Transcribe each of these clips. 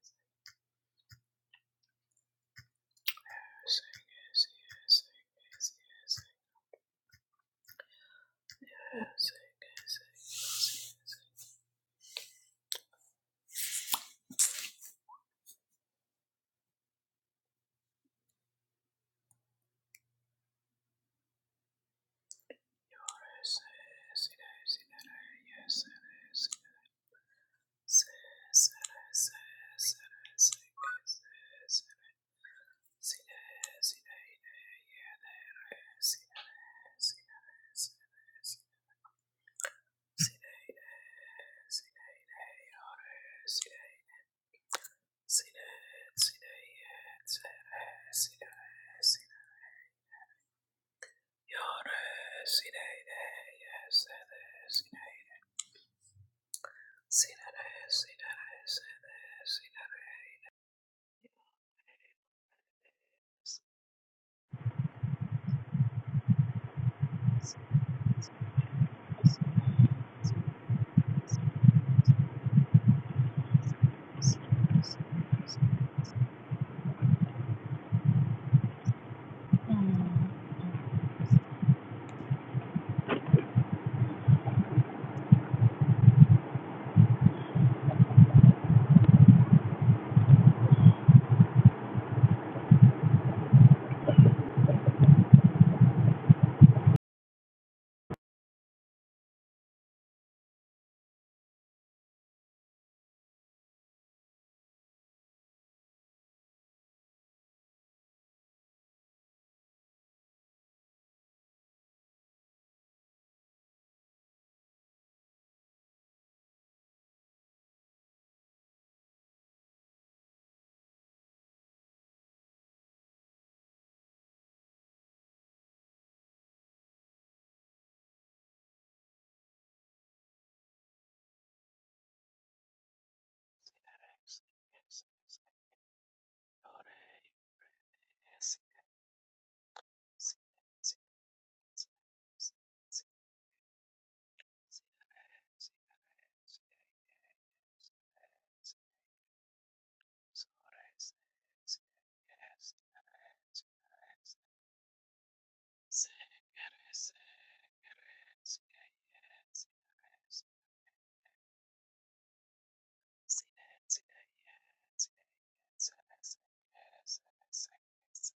Says Yes, Hmm. Yes.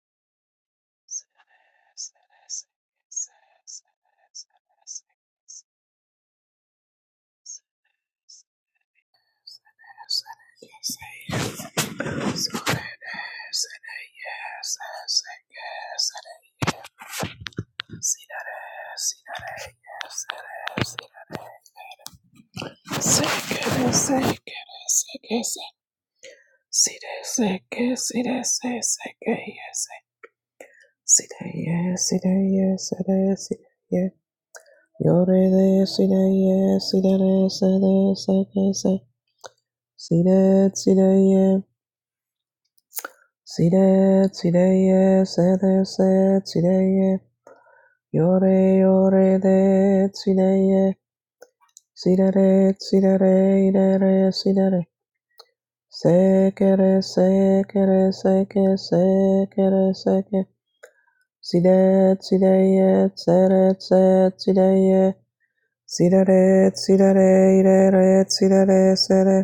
Yes, Yore de si de ye si de re se de se ke se si de si de ye si de si de ye se de se si de ye yore yore de si de ye si de re si de re de re si de re se ke de, se ke re se ke se ke de, se ke si de si de ye se de, se si de ye si de re si de re i de re si de re se re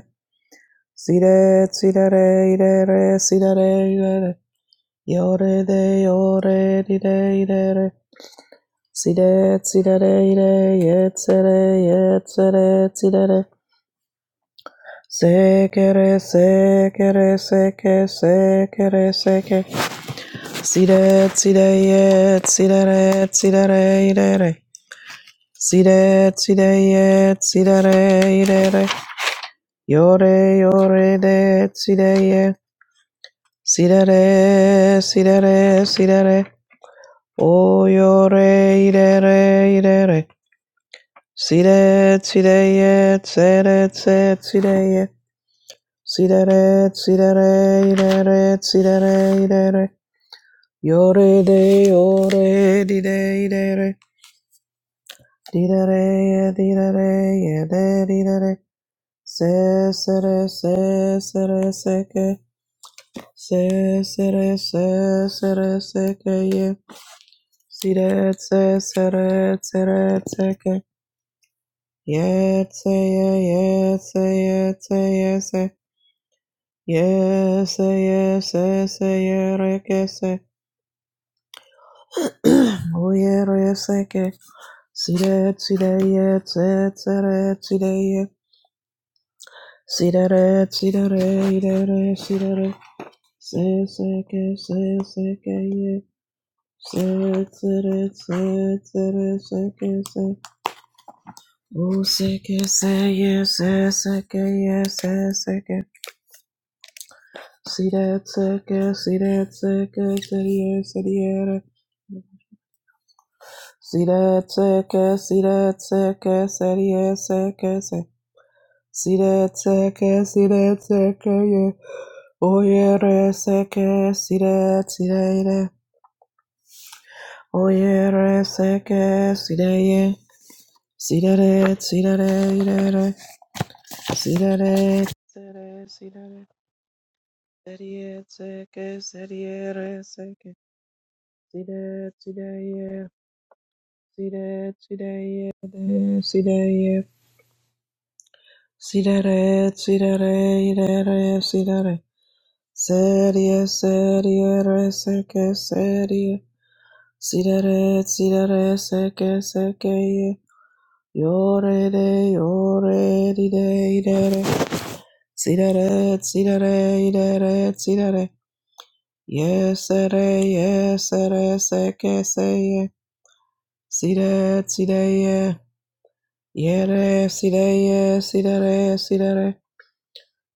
Si re, si re re, i re re, si re re, i re re. Yo re de, yo re, di re, i re re. Si re, si re re, i re, ye se re, ye se re, si re re. Se que re, se que re, se que, se que re, se que. Si re, si re, ye, si re re, si re re, i re re. Si re, si re, ye, si re re, i re re. Yo re, yo re de, si re ye. Sirere, sirere, sirere. Oyore, irere, irere. Sire, sireye, tsere, tse, sireye. Sirere, sirere, irere, sirere, irere. Yore de, yore, dide, idere. Didere, didere, yede, didere. Se, sere, se, sere, seke. Se, sere, se, sere, seke, ye. Siretse, seretse, retseke. Yetse, ye, yetse, yetse, yese. Yese, yese, se, ye, rekese. Oye, reseke. Sire, sire, ye, tse, tsere, sire, ye. Sire, re, sire, re, ire, re, sire, re. Se, seke, se, seke, ye. Se, tsere, se, tsere, seke, se. Oh, sick, yes, eh, yes, eh, sick, eh, yes, eh, sick, eh. See that, sick, eh, see that, sick, eh, see that, see that, eh. See that, sick, eh, see that, sick, eh, see that, sick, eh, see- See that, sick, eh, see that, sick, eh, yeah. Oh, yeah, eh, sick, eh, see that, see that, yeah. Oh, yeah, eh, sick, eh, see that, yeah. See that, eh, see that, eh, yeah, yeah. See that, eh, see that, eh, see that, eh. Serie, seke, serie, re, seke. Side, side, ye. Side, side, ye, de, side, ye. Side, re, side, re, ide, re, side, re. Serie, serie, re, seke, serie. Side, re, side, re, seke, seke, ye. Yo, re, de, yo, re, di, de, ide, re. Side, re, side, re, ide, re, side, re. Yes, re, yes, re, seke, se, ye. Sire, sireye, yere, sireye, sirere, sirere,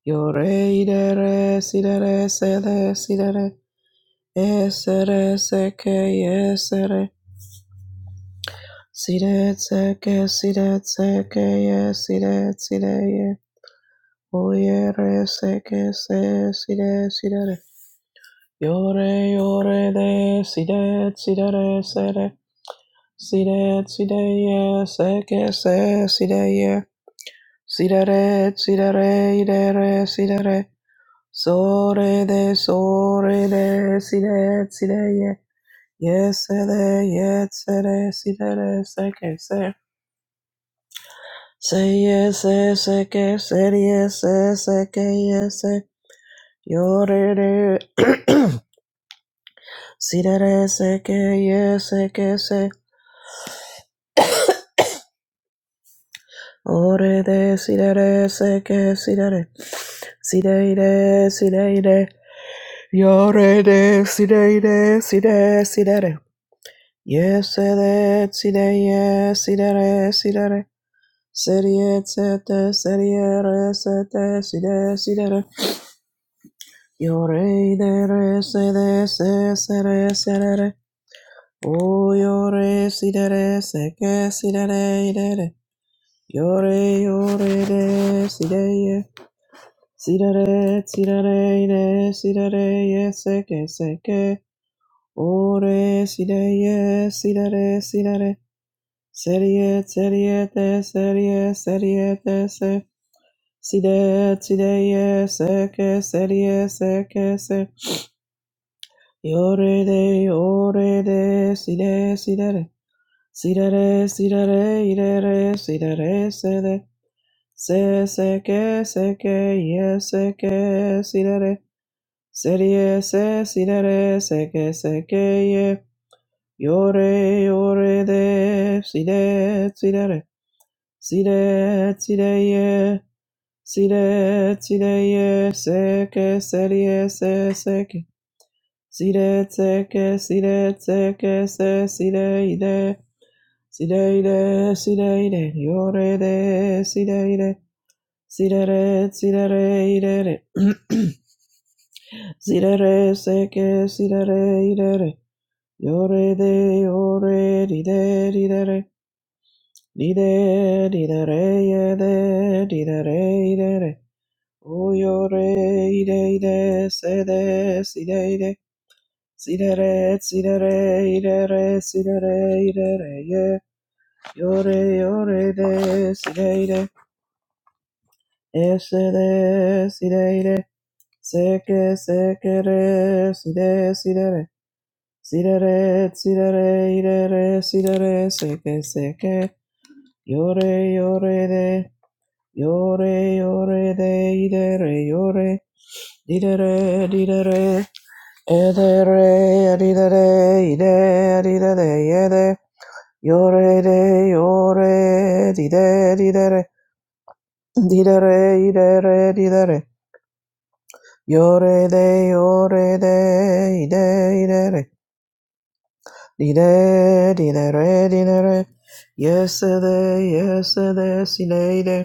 yore, idere, sirere, sele, sirere, esere, seke, yesere, sire, seke, sire, seke, ye, sire, sireye, oyere, seke, se, sire, sirere, yore, yore, de, sire, sirere, sere, sire, sireye, seke, se, sireye, Sidere, sidere, idere, sidere. Sore de, sore de, side, side, ye. Yesede, yetsede, sidere, seke, se. de, si da re, Se, yese, seke, se, yese, seke, yese. Yore de, sidere, seke, yeseke, se. Ore de, sidere, seke, sidere. Sideide, sideide. Yore de, sideide, side, sidere. Yesere sideye sidere sidere Seriye sete seriye re sete side sidere Yore idere sede se sere serere O yore sidere seke sidere idere Yore yore de sideye Sidere sidere ide sidere ye seke seke Ore sideye sidere sidere Serie, serie, te, serie, serie, te, se. Side, side, ye, seke, serie, seke, se. Yore, de, yore, de, side, sidere. Sidere, sidere, idere, sidere, sede. Se, de. se se seke, seke, ye, seke, sidere. Serie, se, side, re, se sidere, se seke, ye. Yore, yore, de, side, sidere. Sire, sireye, sire, sireye, seke, seriye, se, seke. Sire, seke, sire, seke, se, sire, ide. Sire, ide, sire, ide, yore, de, sire, ide. Sire, re, sire, re, ide, re. Sire, re, seke, sire, re, ide, re. Yore, de, yore, ride, ride, re. Ride, ride, re, ye, de, ride, re, ide, re. Oyore ire ire sede side ire sidere sidere ire re sidere ire re ye yore yore de side ire esede side ire seke seke re side sidere sidere sidere ire re sidere seke seke yore yore de yore yore de ire re yore didere didere Edere, edidere, ide, edidere, yede, yore, de, yore, dide, didere, didere, idere, didere, yore, de, yore, de, ide, idere, dide, didere, didere, yesede, yesede, sineide,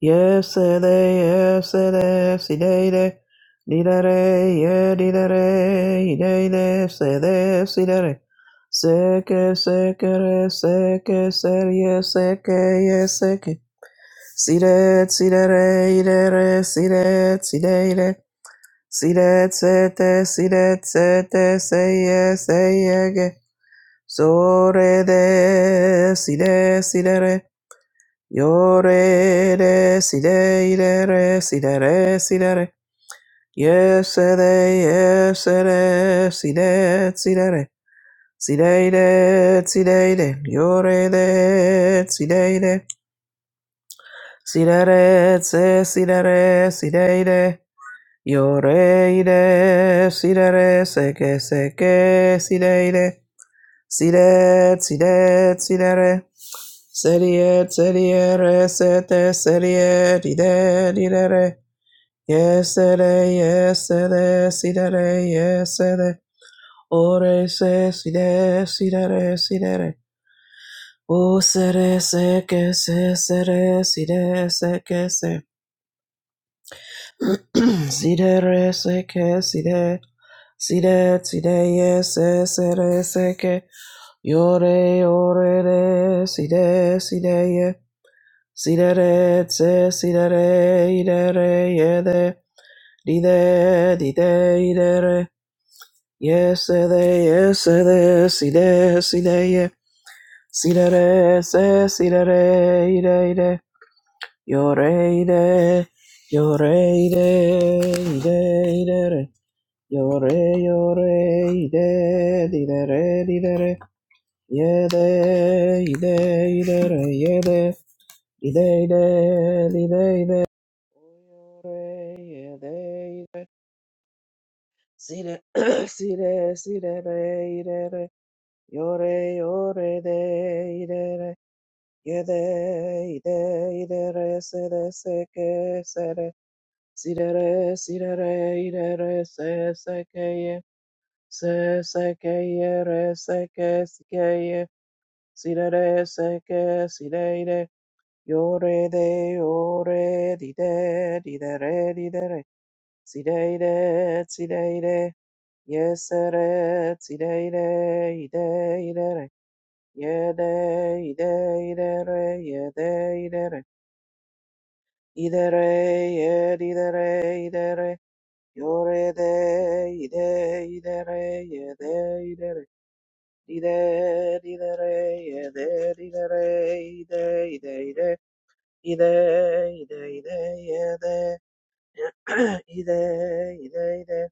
Yesterday, yesterday, today, day, didare, yeah, didare, day, day, say, day, see, day, seke, seke, re, seke, que, yeah, seke, yeah, seke, see, day, see, day, didare, see, day, see, day, day, see, day, say, day, see, day, say, day, say, yeah, say, yeah, ge, so, re, day, see, day, see, Yore de si de de re si de re si de re. Yes de yes de si de si de re. Si de de si de de. Yore de si de de. Si de re se si de re si de de. Yore de si de re se que se que si de de. Sidet, sidet, sidere. Seriet, seriere, sete, seriet, ide, didere. Yesere, yesere, sidere, yesere. Ore, se, side, sidere, sidere. O sere, se, ke, se, sere, side, se, ke, se. Sidere, se, ke, side. Sidet, side, yes, sere, se, ke. Yore ore re si de si de ye si de re tse si de re i de re ye de di de di de i de re ye se de ye se de si de si de ye si de re se si de re i de i de yore i de yore i de i de i de re yore yore i de di de re di de re Yede, ide, idere, yede, ide, ide, ide, ide. Oyore, yede, ide. Sire, sire, sire, re, ide, re. Yore, yore, de, ide, re. Yede, ide, ide, re, sere, seke, sere. Sire, re, sire, re, ide, re, se, seke, ye. Se, seke, ye, re, seke, sike, ye. si re re se ke si re re yo re de yo re di de di de re di de re si re re si re re yes re si re re i de i de re ye de i de i de re ye de i de re i de re ye di de re i de re yo re de i de i de re ye de i de re di de di de re ye de di de re i de i de i de Ide, ide, ide, ide, ide, ide, ide,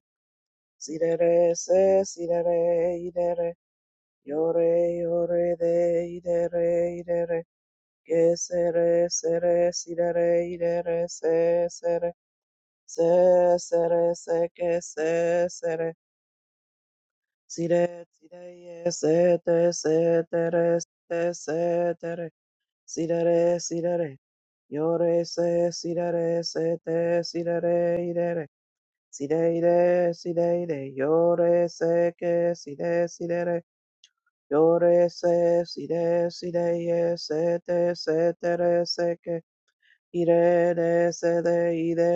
sidere, se, sidere, idere, yore, yore, de, idere, idere, que sere, sere, sidere, idere, se, sere, se, sere, se, que se, sere, sire, sire, se, te, se, tere, se, Si Sidere, sidere. Yore se, si sidere, se te, si da re, i de re. si de i de sidere, idere. Sideide, sideide. Yore se ke, side, sidere. Yore se, si de, si de side, sideye, se te, se tere, se ke. Ire de, se de, i de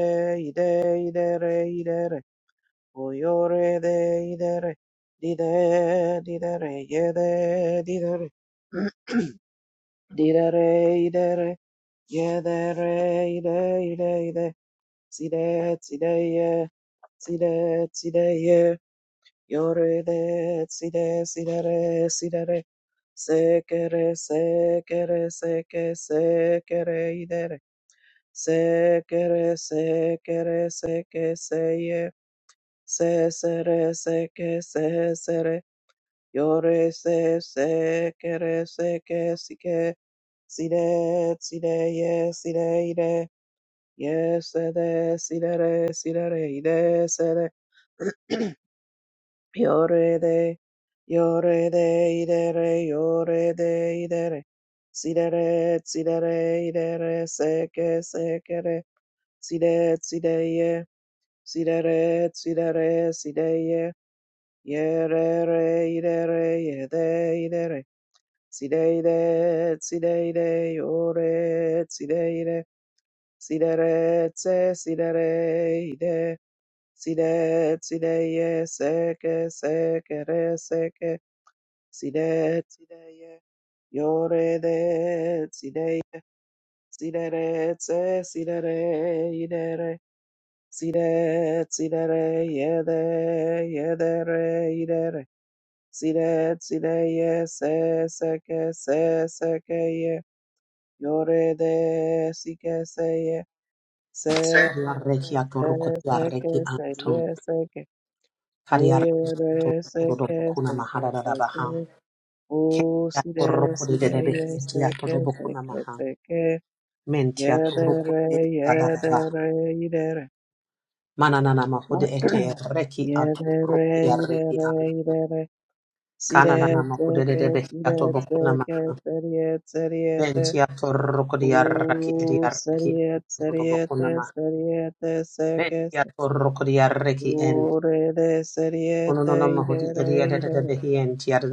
i de ide, ide, idere, idere. O yore de, di di de di de re, ye de, di Dide, didere, yede, didere. Didere, Yeah, there, ide, ide, ide, side, side, yeah, side, side, yeah, yore, de, side, side, re, side, re, sekere, sekere, seke, sekere, ide, re, sekere, sekere, seke, se, yeah, se, se, re, seke, se, se, re, yore, se, sekere, seke, sike, side, side, yeah, side, ide, Yes, de, si sere, sirere, de, ide, de, se, de. Yore de, yore de, i, de, re, yore de, i, de, re, idere. Sidere, sidere, idere, seke, sekere. Side, re, se que se que re, si si si si si si de, de, de de de de, ye, ye, ye ye re, re, re re, re, ye, de, i, de, re, Si, de yede, idere. Sideide, sideide, yore, si de sideide. Sidere tse sidere ide. Side, side, ye, seke, seke, re, seke, side, side, ye, yore, de, side, side, re, tse, side, re, ide, re, side, side, re, ye, de, ye, de, re, ide, re, side, side, ye, se, seke, se, seke, ye, yore, de, sike, Say second, Kariareki atoruko say tiareki second, say say, say, anto. yes, second. Oh yeah, Kariareki that atoruko second, dodobokuna second, mahararabaha. second. Oh, Kenti see that, atoruko see that, dedebeki yes, eti second, atodobokuna second, maha. second. Menti Yeah, that atoruko right, yeah, that dedadabaha. right, you that right. Mananana mahude ete reki Yeah, that atoruko right, you that diareki right, anto. you that right. See Kananana that mahude second, dedebeki see that atobokuna maha. second, study it, study it, that. Menti atoruko diareki Oh, diareki study anto it, study it, dodobokuna that, maha. study it, that second. Menti atoruko diareki enti. Ore de Ono no seriete no mahudi idere edi edi idere edi edi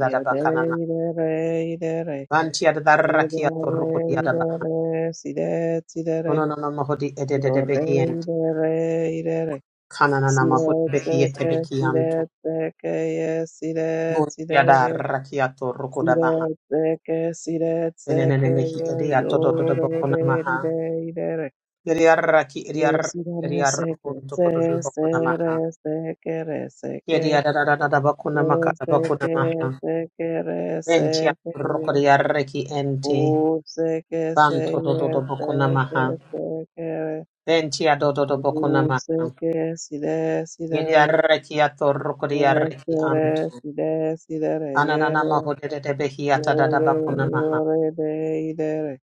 yedere idere idere Vanti ad darraki a yedere torruku di ad abaha. idere sidet sidere Kono no namo hodi edede de yore behiente. idere idere Kana na namo hodi sidet behiete seke behianto. sidet seke ye sidet Munti ad sideye darraki a torruku da baha. sidet seke sidet Enenene seke mehi ye edi a todo do do yore de maha. ide idere Eri arraki eri Yo arraki eri sidere seke arrukunto se kodo do sere maha. sekere seke Eri adadadada boko na maka da se boko na que maha. se quiere Venti a se torruku que di arraki ente. u se que se Vanto do do do ye se maha. que se quiere Venti a do do do boko na u maha. que si de si de Yedi re arreki atorroko di de arreki se anto. re si de si de re ye Ananana re mahodede yo behiata da da re bakuna yo maha. re de i de re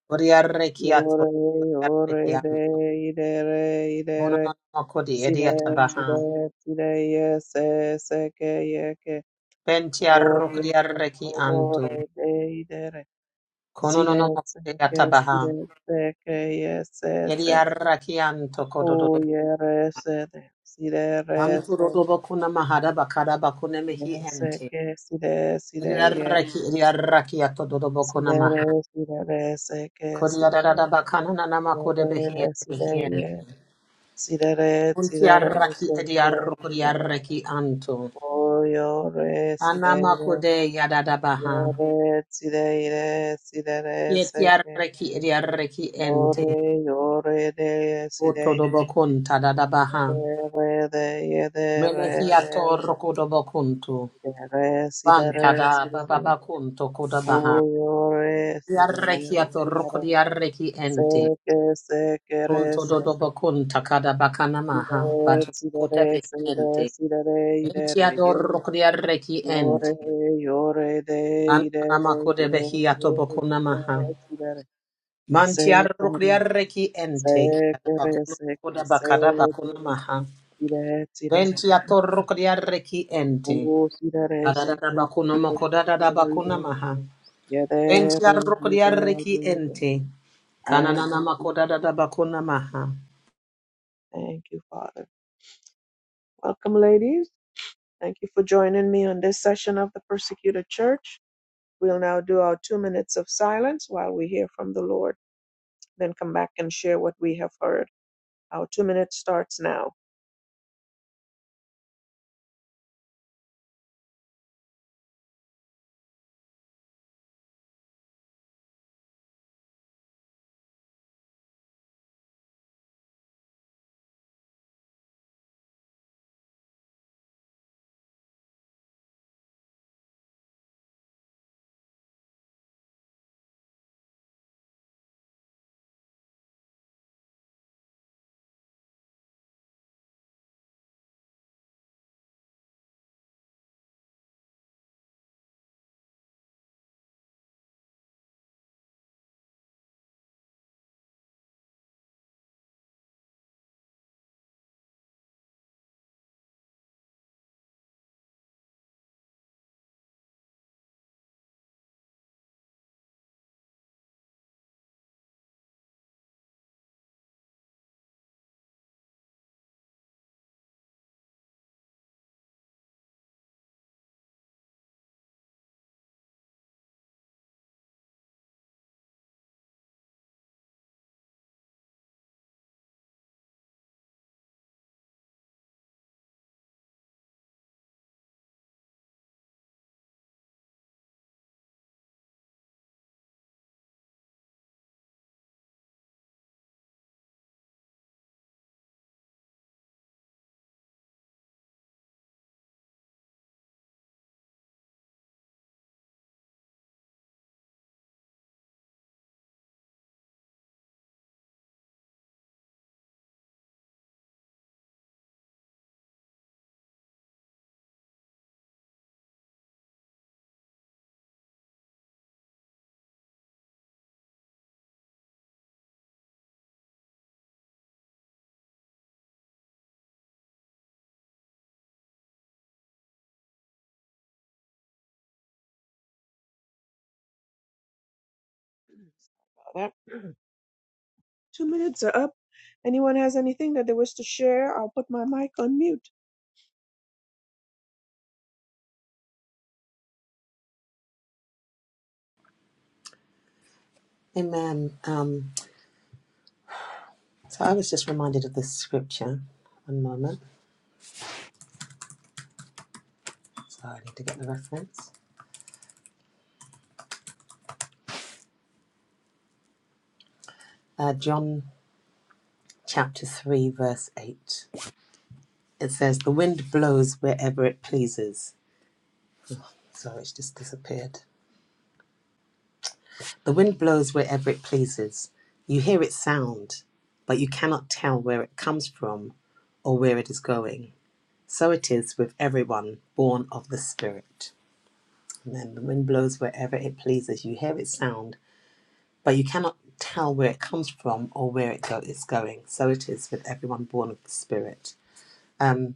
yo Uriarrekiato, re yo re de uriarrekianto. i de re i de re Monononomoko di si de ediata si de baha. si de ye se se que ye que o re Bentiarruk de o diarrekianto. re de i de re Konononomoko Sirece diata que baha. sirece que yese se que Ediarrakianto kodododo. uyerese de sirerese Anturodo que bakuna mahada bakada bakune mehi ente. sire sire ye Ediarreki ediarrakiato dodo bakuna sirere maha. sirerese que Kodiada da sirere da bakana nanamako de sirere behiete sire ye behiente. sirere Untiarraki sirerese que sirere ediarruk anto uyore sireire Anamakude yadadabaha. yore sireire sirerese Yetiarreki idiarreki ente. yore yore de sireire Otodobokun Sekere, tadadabaha. sekere, Menehiato rokodobokuntu. Bantada bababakunto kodabaha. Yarrekiato rokodiarreki ente. Kunto dodobokun takadabakanamaha. sekere, seke, Batukotabeki ente. sekere, Entiador rokodiarreki ente. Anamakude behiato bokunamaha. Mantiarukriareki ente kiarabakuno koda bakada bakuna maha. tire, tire, Ventiatorukriareki ente. Oh, sirare Kadada second bakuna mokoda dada bakuna sirare maha. yadere Ventiarukriareki yadere. ente. Thank Kananana you, Jesus. makoda dada bakuna maha. thank you, Father. Welcome, ladies. Thank you for joining me on this session of the Persecuted Church. We'll now do our two minutes of silence while we hear from the Lord, then come back and share what we have heard. Our two minutes starts now. Father, two minutes are up. Anyone has anything that they wish to share? I'll put my mic on mute. Amen. Um, so I was just reminded of this scripture. One moment. So I need to get the reference. Uh, John chapter 3, verse 8. It says, The wind blows wherever it pleases Sorry, it's just disappeared. The wind blows wherever it pleases. You hear its sound, but you cannot tell where it comes from or where it is going. So it is with everyone born of the Spirit. And then the wind blows wherever it pleases. You hear its sound, but you cannot tell where it comes from or where it go- it's going. So it is with everyone born of the Spirit. Um,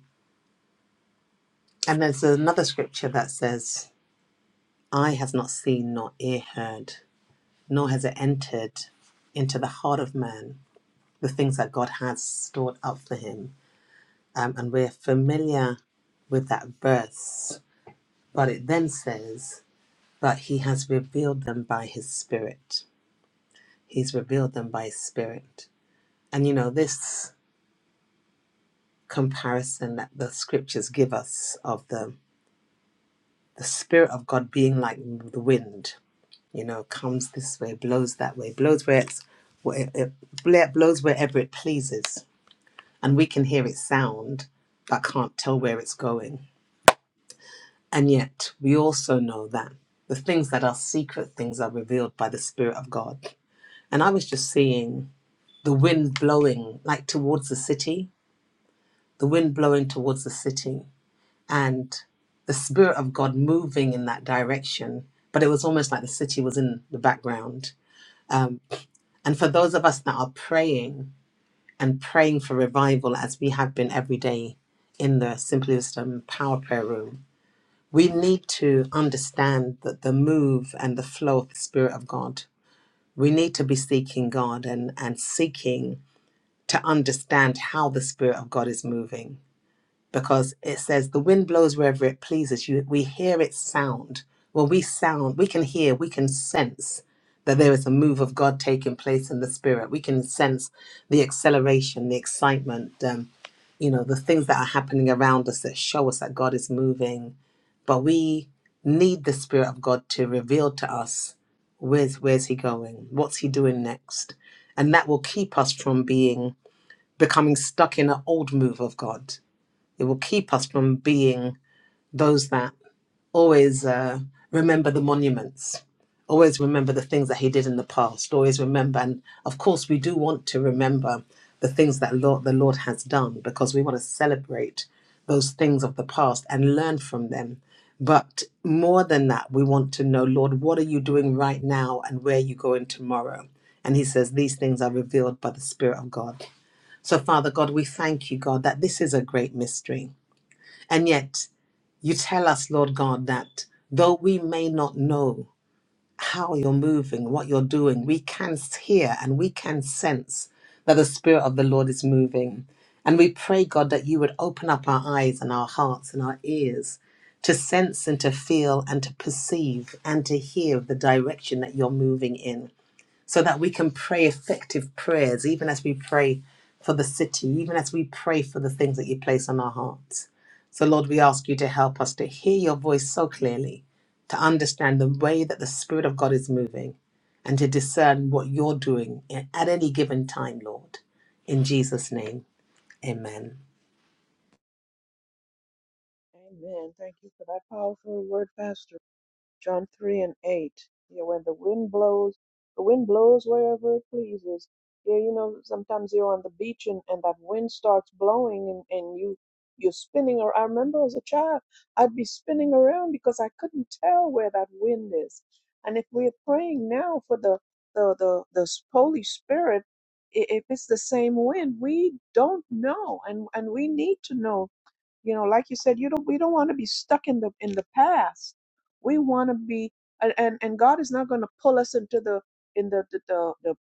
and there's another scripture that says, Eye has not seen nor ear heard. nor has it entered into the heart of man the things that God has stored up for him. Um, and we're familiar with that verse, but it then says, But he has revealed them by his spirit. He's revealed them by his spirit. And you know, this comparison that the scriptures give us of the, the spirit of God being like the wind you know, comes this way, blows that way, blows where it's where it, it blows wherever it pleases. and we can hear its sound but can't tell where it's going. And yet, we also know that the things that are secret things are revealed by the Spirit of God. And I was just seeing the wind blowing, like towards the city, the wind blowing towards the city, and the Spirit of God moving in that direction. But it was almost like the city was in the background. And for those of us that are praying and praying for revival, as we have been every day in the Simply Wisdom Power Prayer Room, we need to understand that the move and the flow of the Spirit of God, we need to be seeking God and, and seeking to understand how the Spirit of God is moving because it says the wind blows wherever it pleases you we hear its sound Well, we sound we can hear we can sense that there is a move of god taking place in the spirit we can sense the acceleration the excitement um, you know the things that are happening around us that show us that god is moving but we need the spirit of god to reveal to us where's where's he going what's he doing next and that will keep us from being becoming stuck in an old move of god it will keep us from being those that always uh, remember the monuments, always remember the things that He did in the past, always remember. And of course, we do want to remember the things that Lord, the Lord has done because we want to celebrate those things of the past and learn from them. But more than that, we want to know, Lord, what are you doing right now and where are you going tomorrow? And He says, These things are revealed by the Spirit of God. So, Father God, we thank you, God, that this is a great mystery. And yet, you tell us, Lord God, that though we may not know how you're moving, what you're doing, we can hear and we can sense that the Spirit of the Lord is moving. And we pray, God, that you would open up our eyes and our hearts and our ears to sense and to feel and to perceive and to hear the direction that you're moving in so that we can pray effective prayers, even as we pray for the city, even as we pray for the things that you place on our hearts. So, Lord, we ask you to help us to hear your voice so clearly, to understand the way that the Spirit of God is moving, and to discern what you're doing i- at any given time, Lord. In Jesus' name, amen. Amen. Thank you for that powerful word, Pastor. John 3 and 8. Yeah, when the wind blows, the wind blows wherever it pleases. Yeah, you know, sometimes you're on the beach and, and that wind starts blowing and, and you, you're spinning. Or I remember as a child, I'd be spinning around because I couldn't tell where that wind is. And if we're praying now for the, the, the, the s- Holy Spirit, i- if it's the same wind, we don't know. And, and we need to know you know like you said you don't we don't want to be stuck in the in the past we want to be and and and god is not going to pull us into the in the the, the the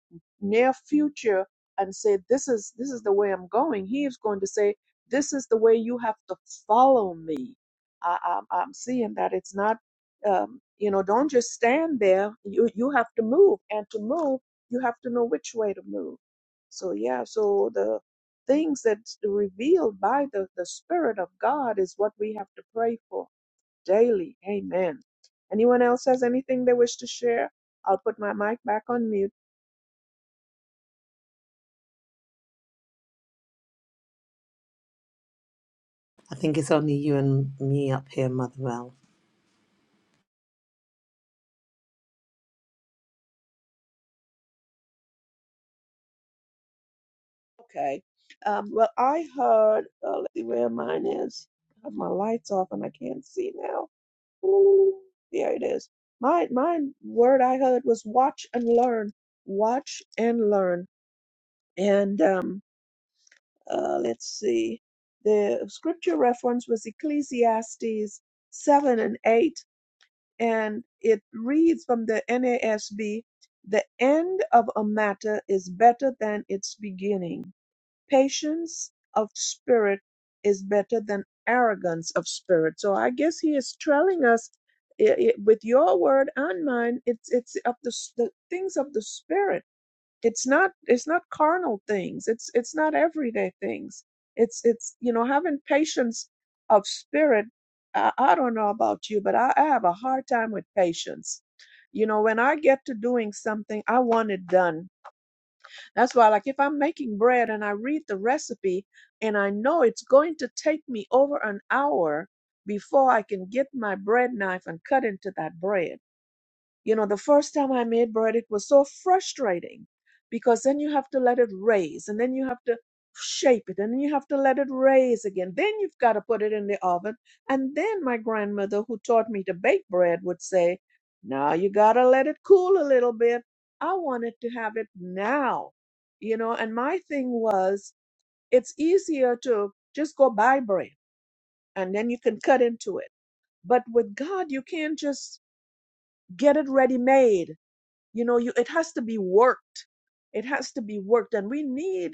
near future and say this is this is the way i'm going he is going to say this is the way you have to follow me I, i'm i'm seeing that it's not um you know don't just stand there you you have to move and to move you have to know which way to move so yeah so the things that's revealed by the, the Spirit of God is what we have to pray for daily. Amen. Anyone else has anything they wish to share? I'll put my mic back on mute. I think it's only you and me up here, Mother Val. Okay. Um, well, I heard, uh, let's see where mine is. I have my lights off and I can't see now. Ooh, there it is. My, my word I heard was watch and learn. Watch and learn. And um, uh, let's see, the scripture reference was Ecclesiastes 7 and 8, and it reads from the NASB The end of a matter is better than its beginning. Patience of spirit is better than arrogance of spirit. So I guess he is telling us. i i with your word and mine, it's it's of the, s- the things of the spirit it's not it's not carnal things it's it's not everyday things it's it's you know having patience of spirit i, I don't know about you but I, I have a hard time with patience you know when i get to doing something i want it done that's why like if i'm making bread and i read the recipe and i know it's going to take me over an hour before i can get my bread knife and cut into that bread you know, the first time I made bread, it was so frustrating because then you have to let it raise and then you have to shape it and then you have to let it raise again. Then you've got to put it in the oven. And then my grandmother, who taught me to bake bread, would say, Now you got to let it cool a little bit. I wanted to have it now, you know, and my thing was, it's easier to just go buy bread and then you can cut into it. But with God, you can't just get it ready made you know you it has to be worked it has to be worked and we need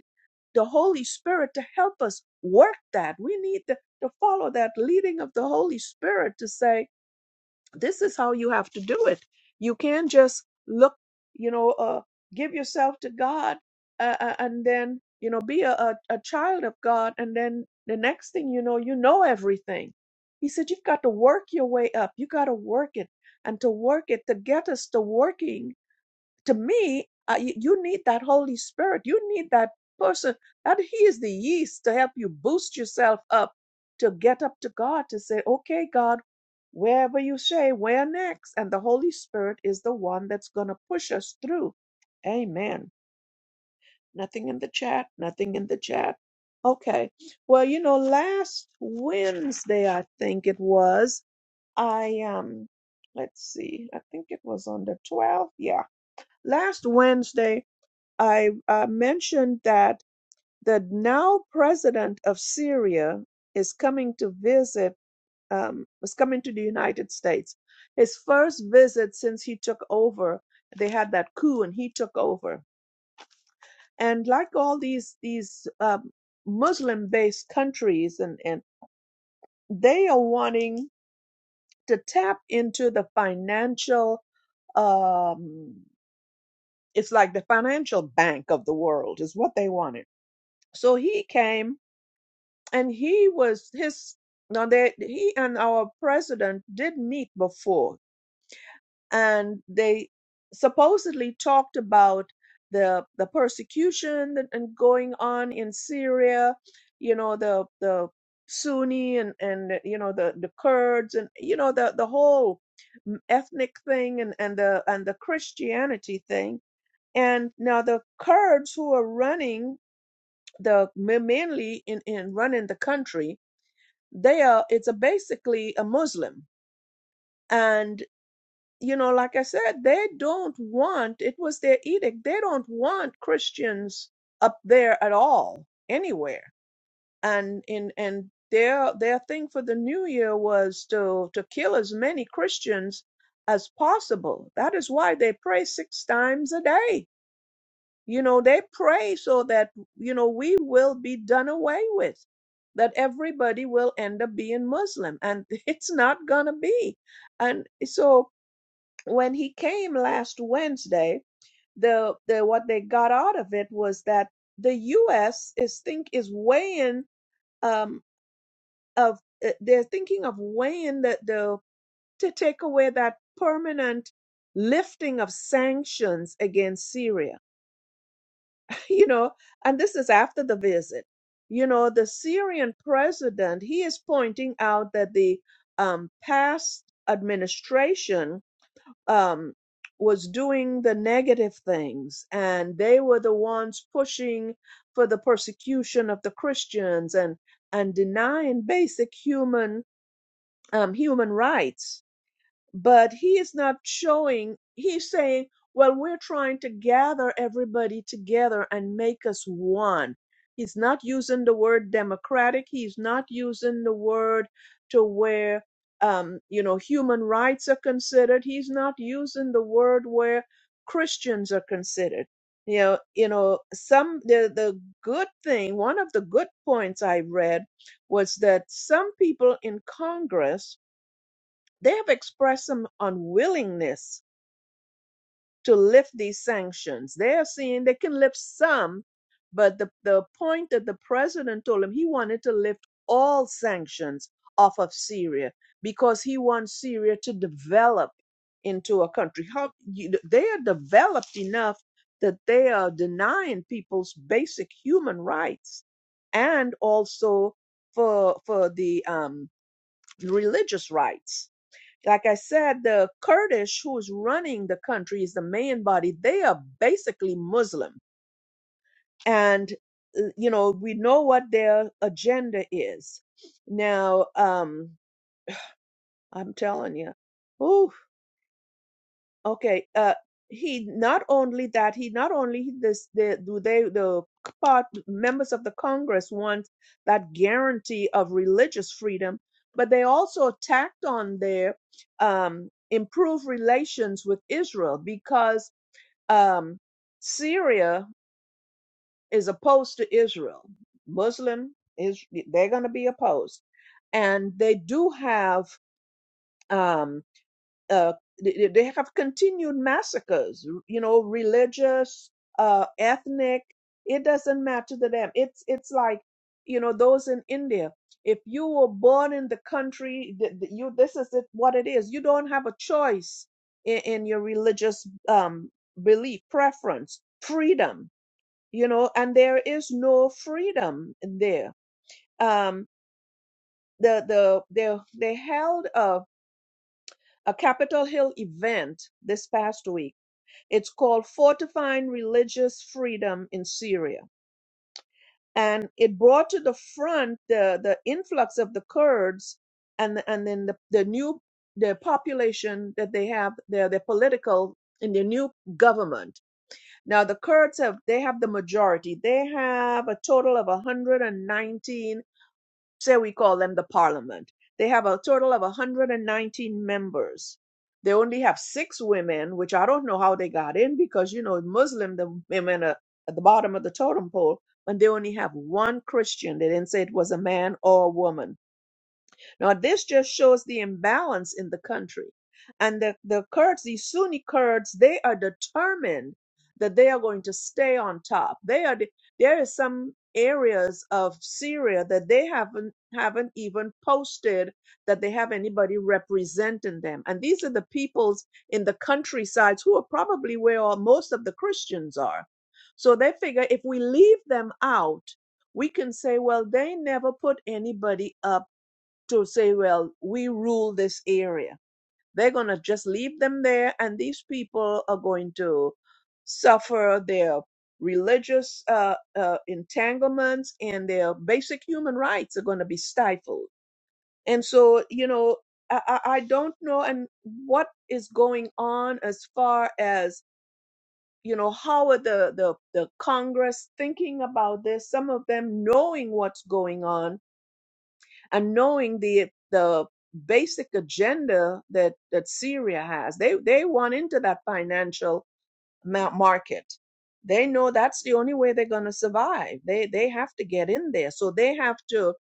the holy spirit to help us work that we need to, to follow that leading of the holy spirit to say this is how you have to do it you can't just look you know uh give yourself to god uh, uh, and then you know be a, a, a child of god and then the next thing you know you know everything he said you've got to work your way up you got to work it and to work it to get us to working to me, uh, you, you need that Holy Spirit. You need that person. That He is the yeast to help you boost yourself up to get up to God to say, okay, God, wherever you say, where next? And the Holy Spirit is the one that's going to push us through. Amen. Nothing in the chat. Nothing in the chat. Okay. Well, you know, last Wednesday, I think it was, I, um, let's see, I think it was on the 12th. Yeah. Last Wednesday, I uh, mentioned that the now president of Syria is coming to visit, um, is coming to the United States. His first visit since he took over, they had that coup and he took over. And like all these these um, Muslim-based countries, and and they are wanting to tap into the financial. Um, it's like the financial bank of the world is what they wanted. So he came and he was his now they he and our president did meet before and they supposedly talked about the the persecution that and going on in Syria you know the the Sunni and and you know the the Kurds and you know the the whole ethnic thing and and the and the Christianity thing and now the Kurds who are running the mainly in in running the country they are it's a basically a muslim and you know like i said they don't want it was their edict they don't want christians up there at all anywhere and in and their their thing for the new year was to to kill as many christians as possible that is why they pray six times a day you know, they pray so that, you know, we will be done away with, that everybody will end up being Muslim. And it's not going to be. And so when he came last Wednesday, the, the what they got out of it was that the U.S. is think is weighing um, of uh, they're thinking of weighing the, the to take away that permanent lifting of sanctions against Syria you know, and this is after the visit. You know, the Syrian president, he is pointing out that the um, past administration um, was doing the negative things, and they were the ones pushing for the persecution of the Christians and and denying basic human um, human rights but he is not showing he's saying well we're trying to gather everybody together and make us one he's not using the word democratic he's not using the word to where um, you know human rights are considered he's not using the word where christians are considered you know you know some the the good thing one of the good points i read was that some people in congress they have expressed some unwillingness to lift these sanctions. They are saying they can lift some, but the, the point that the president told him he wanted to lift all sanctions off of Syria because he wants Syria to develop into a country. How you, they are developed enough that they are denying people's basic human rights and also for for the um, religious rights like I said, the Kurdish who's running the country is the main body. They are basically Muslim. And, uh, you know, we know what their agenda is. Now, um, I'm telling you. Okay. Uh, he not only that he not only this the do they the part members of the Congress want that guarantee of religious freedom, but they also tacked on there um, improve relations with Israel because um, Syria is opposed to Israel. Muslim is they're going to be opposed, and they do have um, uh, they they have continued massacres, you know, religious, uh, ethnic. It doesn't matter to them. It's it's like, you know, those in India. If you were born in the country, th- th- you this is it, what it is. You don't have a choice in, in your religious um, belief, preference, freedom. You know, and there is no freedom there. Um, the the they they held a a Capitol Hill event this past week it's called Fortifying Religious Freedom in Syria. And it brought to the front the, the influx of the Kurds and, and then the, the new the population that they have, their, their political in their new government. Now the Kurds have they have the majority. They have a total of 119 say we call them the parliament. They have a total of 119 members. They only have six women, which I don't know how they got in because, you know, Muslim, the women are at the bottom of the totem pole, and they only have one Christian. They didn't say it was a man or a woman. Now, this just shows the imbalance in the country. And the, the Kurds, the Sunni Kurds, they are determined that they are going to stay on top. They are the, there is some areas of Syria that they haven't haven't even posted that they have anybody representing them. And these are the peoples in the countrysides who are probably where all- most of the Christians are. So they figure if we leave them out, we can say, well, they never put anybody up to say, well, we rule this area. They're going to just leave them there, and these people are going to suffer their religious uh, uh, entanglements and their basic human rights are going to be stifled. And so, you know, I, I I don't know and what is going on as far as you know how are the, the the congress thinking about this some of them knowing what's going on and knowing the the basic agenda that that Syria has. They they want into that financial ma- market. They know that's the only way they're going to survive. They they have to get in there. So they have to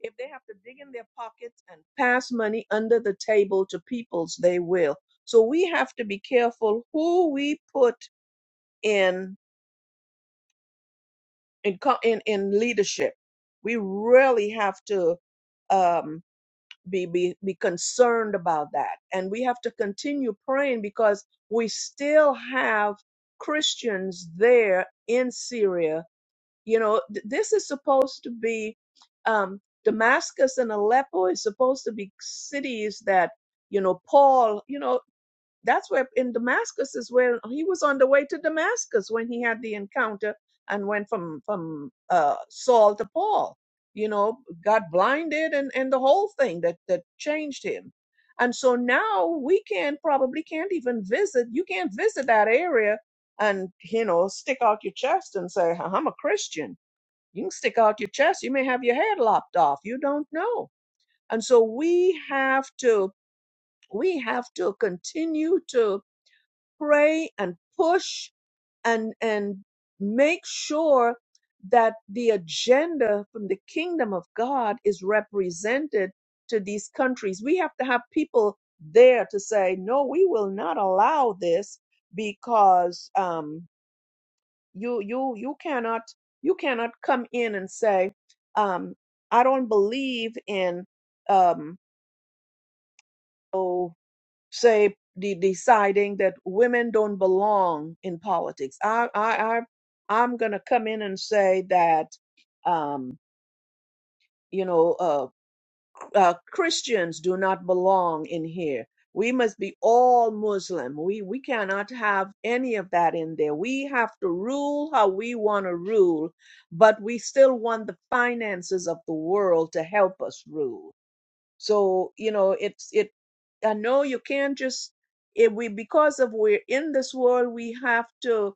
if they have to dig in their pockets and pass money under the table to peoples, they will. So we have to be careful who we put in in co- in, in leadership. We really have to Um, be be be concerned about that and we have to continue praying because we still have christians there in syria you know th- this is supposed to be um damascus and aleppo is supposed to be cities that you know paul you know that's where in Damascus is where he was on the way to Damascus when he had the encounter and went from from uh, Saul to Paul. You know, got blinded and and the whole thing that that changed him. And so now we can probably can't even visit. You can't visit that area and you know stick out your chest and say I'm a Christian. You can stick out your chest. You may have your head lopped off. You don't know. And so we have to we have to continue to pray and push and and make sure that the agenda from the kingdom of God is represented to these countries. We have to have people there to say, no, we will not allow this because um, you you you cannot you cannot come in and say, um, I don't believe in um, oh, say de- deciding that women don't belong in politics. I I, I I'm gonna come in and say that um, you know uh, uh, Christians do not belong in here. We must be all Muslim. We we cannot have any of that in there. We have to rule how we want to rule, but we still want the finances of the world to help us rule so, you know, it's it I know you can't just it we because of we're in this world, we have to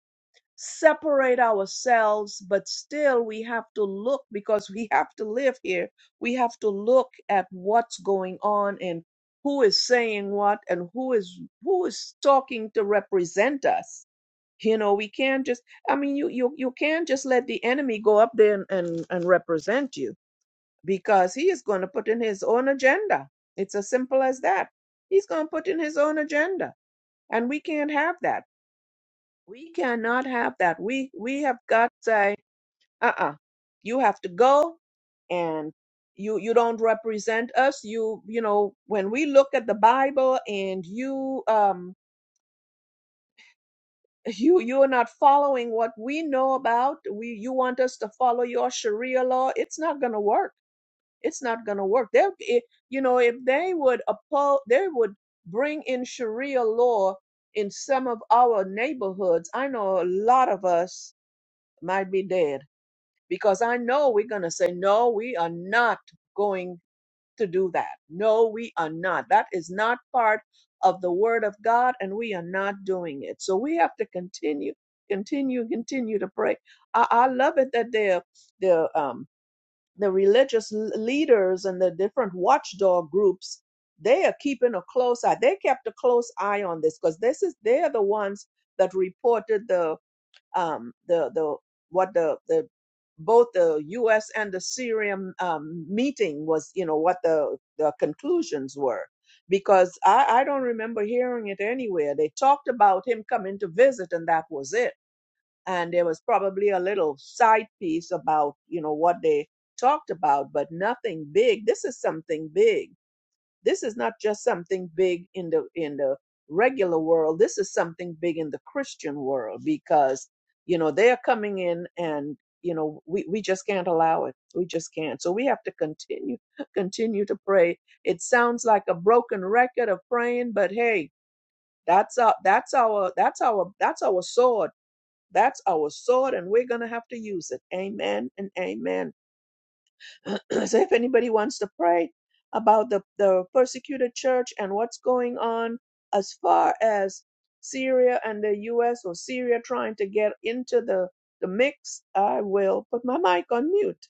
separate ourselves, but still we have to look because we have to live here. We have to look at what's going on and who is saying what and who is who is talking to represent us. You know, we can't just I mean you you you can't just let the enemy go up there and, and, and represent you because he is going to put in his own agenda. It's as simple as that. He's going to put in his own agenda, and we can't have that. We cannot have that. We we have got to say, uh-uh, you have to go, and you you don't represent us. You you know when we look at the Bible and you um you you are not following what we know about. We you want us to follow your Sharia law. It's not going to work It's not going to work. There, it, you know, if they would oppose, they would bring in Sharia law in some of our neighborhoods. I know a lot of us might be dead because I know we're going to say, no, we are not going to do that. No, we are not. That is not part of the word of God and we are not doing it. So we have to continue, continue, continue to pray. I, I love it that they're, they're, um, the religious leaders and the different watchdog groups they are keeping a close eye they kept a close eye on this because this is they are the ones that reported the um the the what the the both the us and the syrian um, meeting was you know what the the conclusions were because i i don't remember hearing it anywhere they talked about him coming to visit and that was it and there was probably a little side piece about you know what they talked about but nothing big this is something big this is not just something big in the in the regular world this is something big in the christian world because you know they are coming in and you know we, we just can't allow it we just can't so we have to continue continue to pray it sounds like a broken record of praying but hey that's our that's our that's our that's our sword that's our sword, and we're going to have to use it. Amen and amen. so, if anybody wants to pray about the, the persecuted church and what's going on as far as Syria and the U.S. or Syria trying to get into the, the mix, I will put my mic on mute.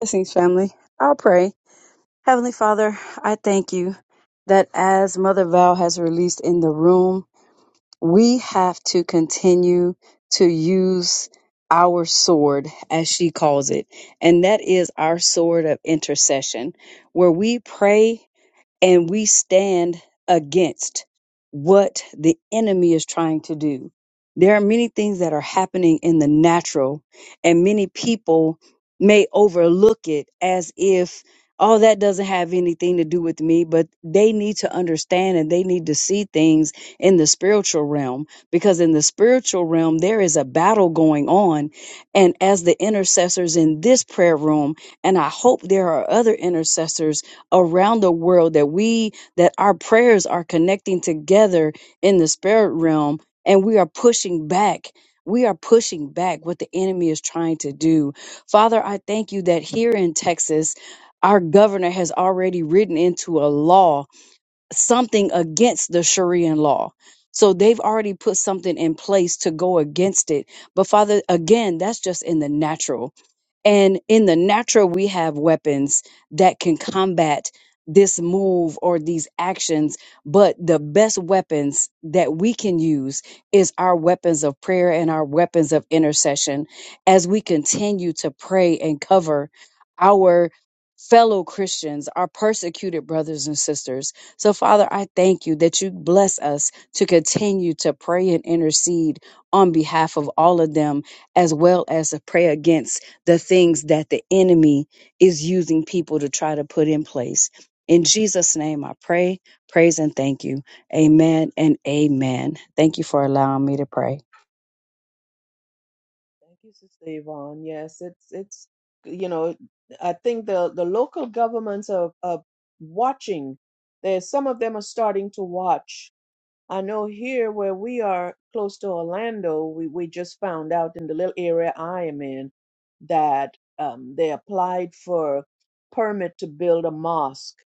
Blessings, family. I'll pray. Heavenly Father, I thank you that as Mother Val has released in the room, we have to continue to use our sword, as she calls it. And that is our sword of intercession, where we pray and we stand against what the enemy is trying to do. There are many things that are happening in the natural, and many people may overlook it as if, oh, that doesn't have anything to do with me, but they need to understand and they need to see things in the spiritual realm because in the spiritual realm, there is a battle going on. And as the intercessors in this prayer room, and I hope there are other intercessors around the world that we that our prayers are connecting together in the spirit realm and we are pushing back we are pushing back what the enemy is trying to do father i thank you that here in texas our governor has already written into a law something against the Sharia law. So they've already put something in place to go against it. But Father, again, that's just in the natural. And in the natural, we have weapons that can combat this move or these actions. But the best weapons that we can use is our weapons of prayer and our weapons of intercession as we continue to pray and cover our fellow Christians, our persecuted brothers and sisters. So, Father, I thank you that you bless us to continue to pray and intercede on behalf of all of them, as well as to pray against the things that the enemy is using people to try to put in place. In Jesus' name, I pray, praise, and thank you. Amen and amen. Thank you for allowing me to pray. Thank you, Sister Yvonne. Yes, it's, it's you know, I think the, the local governments are, are watching. There's, some of them are starting to watch I know here where we are close to Orlando, we, we just found out in the little area I am in that um, they applied for permit to build a mosque.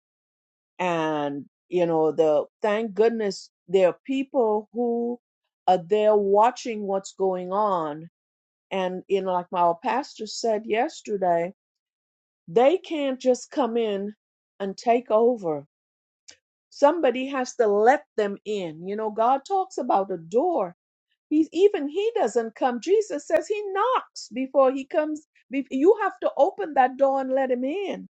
And, you know, the thank goodness there are people who are there watching what's going on. And, you know, like my pastor said yesterday, they can't just come in and take over. Somebody has to let them in. You know, God talks about a door He's even he doesn't come. Jesus says he knocks before he comes. Be- You have to open that door and let him in.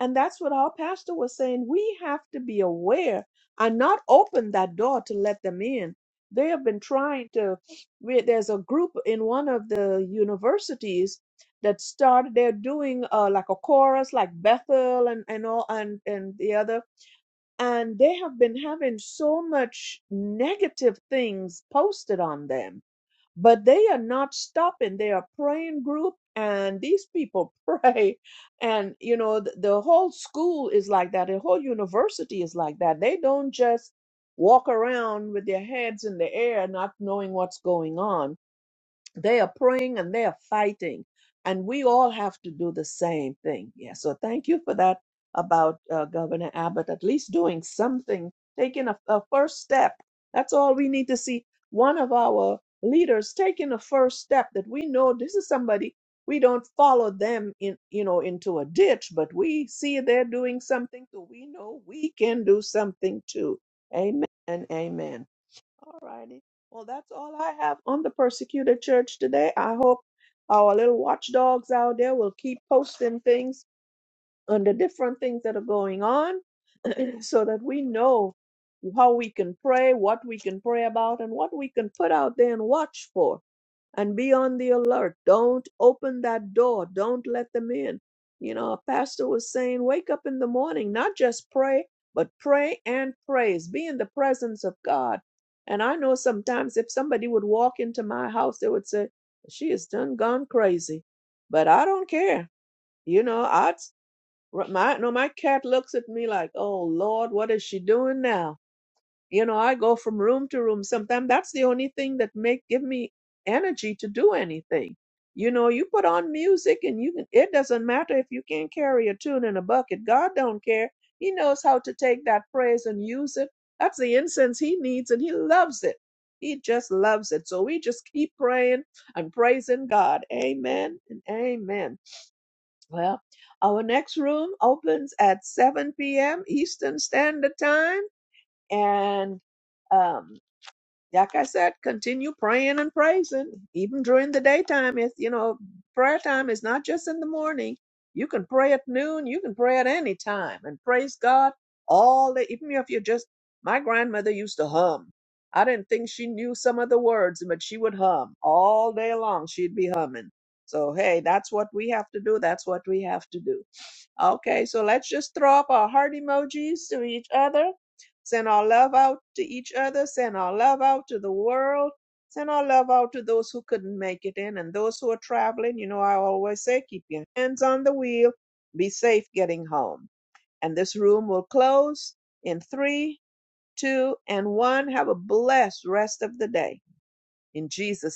And that's what our pastor was saying. We have to be aware and not open that door to let them in. They have been trying to. we- There's a group in one of the universities that started. They're doing uh, like a chorus, like Bethel and and all and and the other. And they have been having so much negative things posted on them but they are not stopping. They are praying group, and these people pray, and you know the, the whole school is like that. The whole university is like that. They don't just walk around with their heads in the air, not knowing what's going on they are praying and they are fighting. And we all have to do the same thing. Yeah. So thank you for that about uh, Governor Abbott, at least doing something, taking a, a first step. That's all we need to see. One of our leaders taking a first step that we know this is somebody we don't follow them in you know into a ditch but we see they're doing something so we know we can do something too amen and amen all righty. Well, that's all I have on the persecuted church today. I hope our little watchdogs out there will keep posting things on the different things that are going on so that we know how we can pray, what we can pray about, and what we can put out there and watch for and be on the alert. Don't open that door. Don't let them in. You know, a pastor was saying, wake up in the morning, not just pray, but pray and praise. Be in the presence of God. And I know sometimes if somebody would walk into my house, they would say, she is done gone crazy. But I don't care. You know, I'd, my, no, my cat looks at me like, oh Lord, what is she doing now? you know i go from room to room sometimes that's the only thing that make give me energy to do anything you know you put on music and you can it doesn't matter if you can't carry a tune in a bucket god don't care he knows how to take that praise and use it that's the incense he needs and he loves it he just loves it so we just keep praying and praising god amen and amen well our next room opens at 7 p.m eastern standard time and um, like I said, continue praying and praising, even during the daytime. If you know, prayer time is not just in the morning. You can pray at noon. You can pray at any time and praise God all day. Even if you're just, my grandmother used to hum. I didn't think she knew some of the words, but she would hum all day long. She'd be humming. So hey, that's what we have to do. That's what we have to do. Okay, so let's just throw up our heart emojis to each other. Send our love out to each other. Send our love out to the world. Send our love out to those who couldn't make it in and those who are traveling. You know, I always say keep your hands on the wheel. Be safe getting home. And this room will close in three, two, and one. Have a blessed rest of the day. In Jesus' name.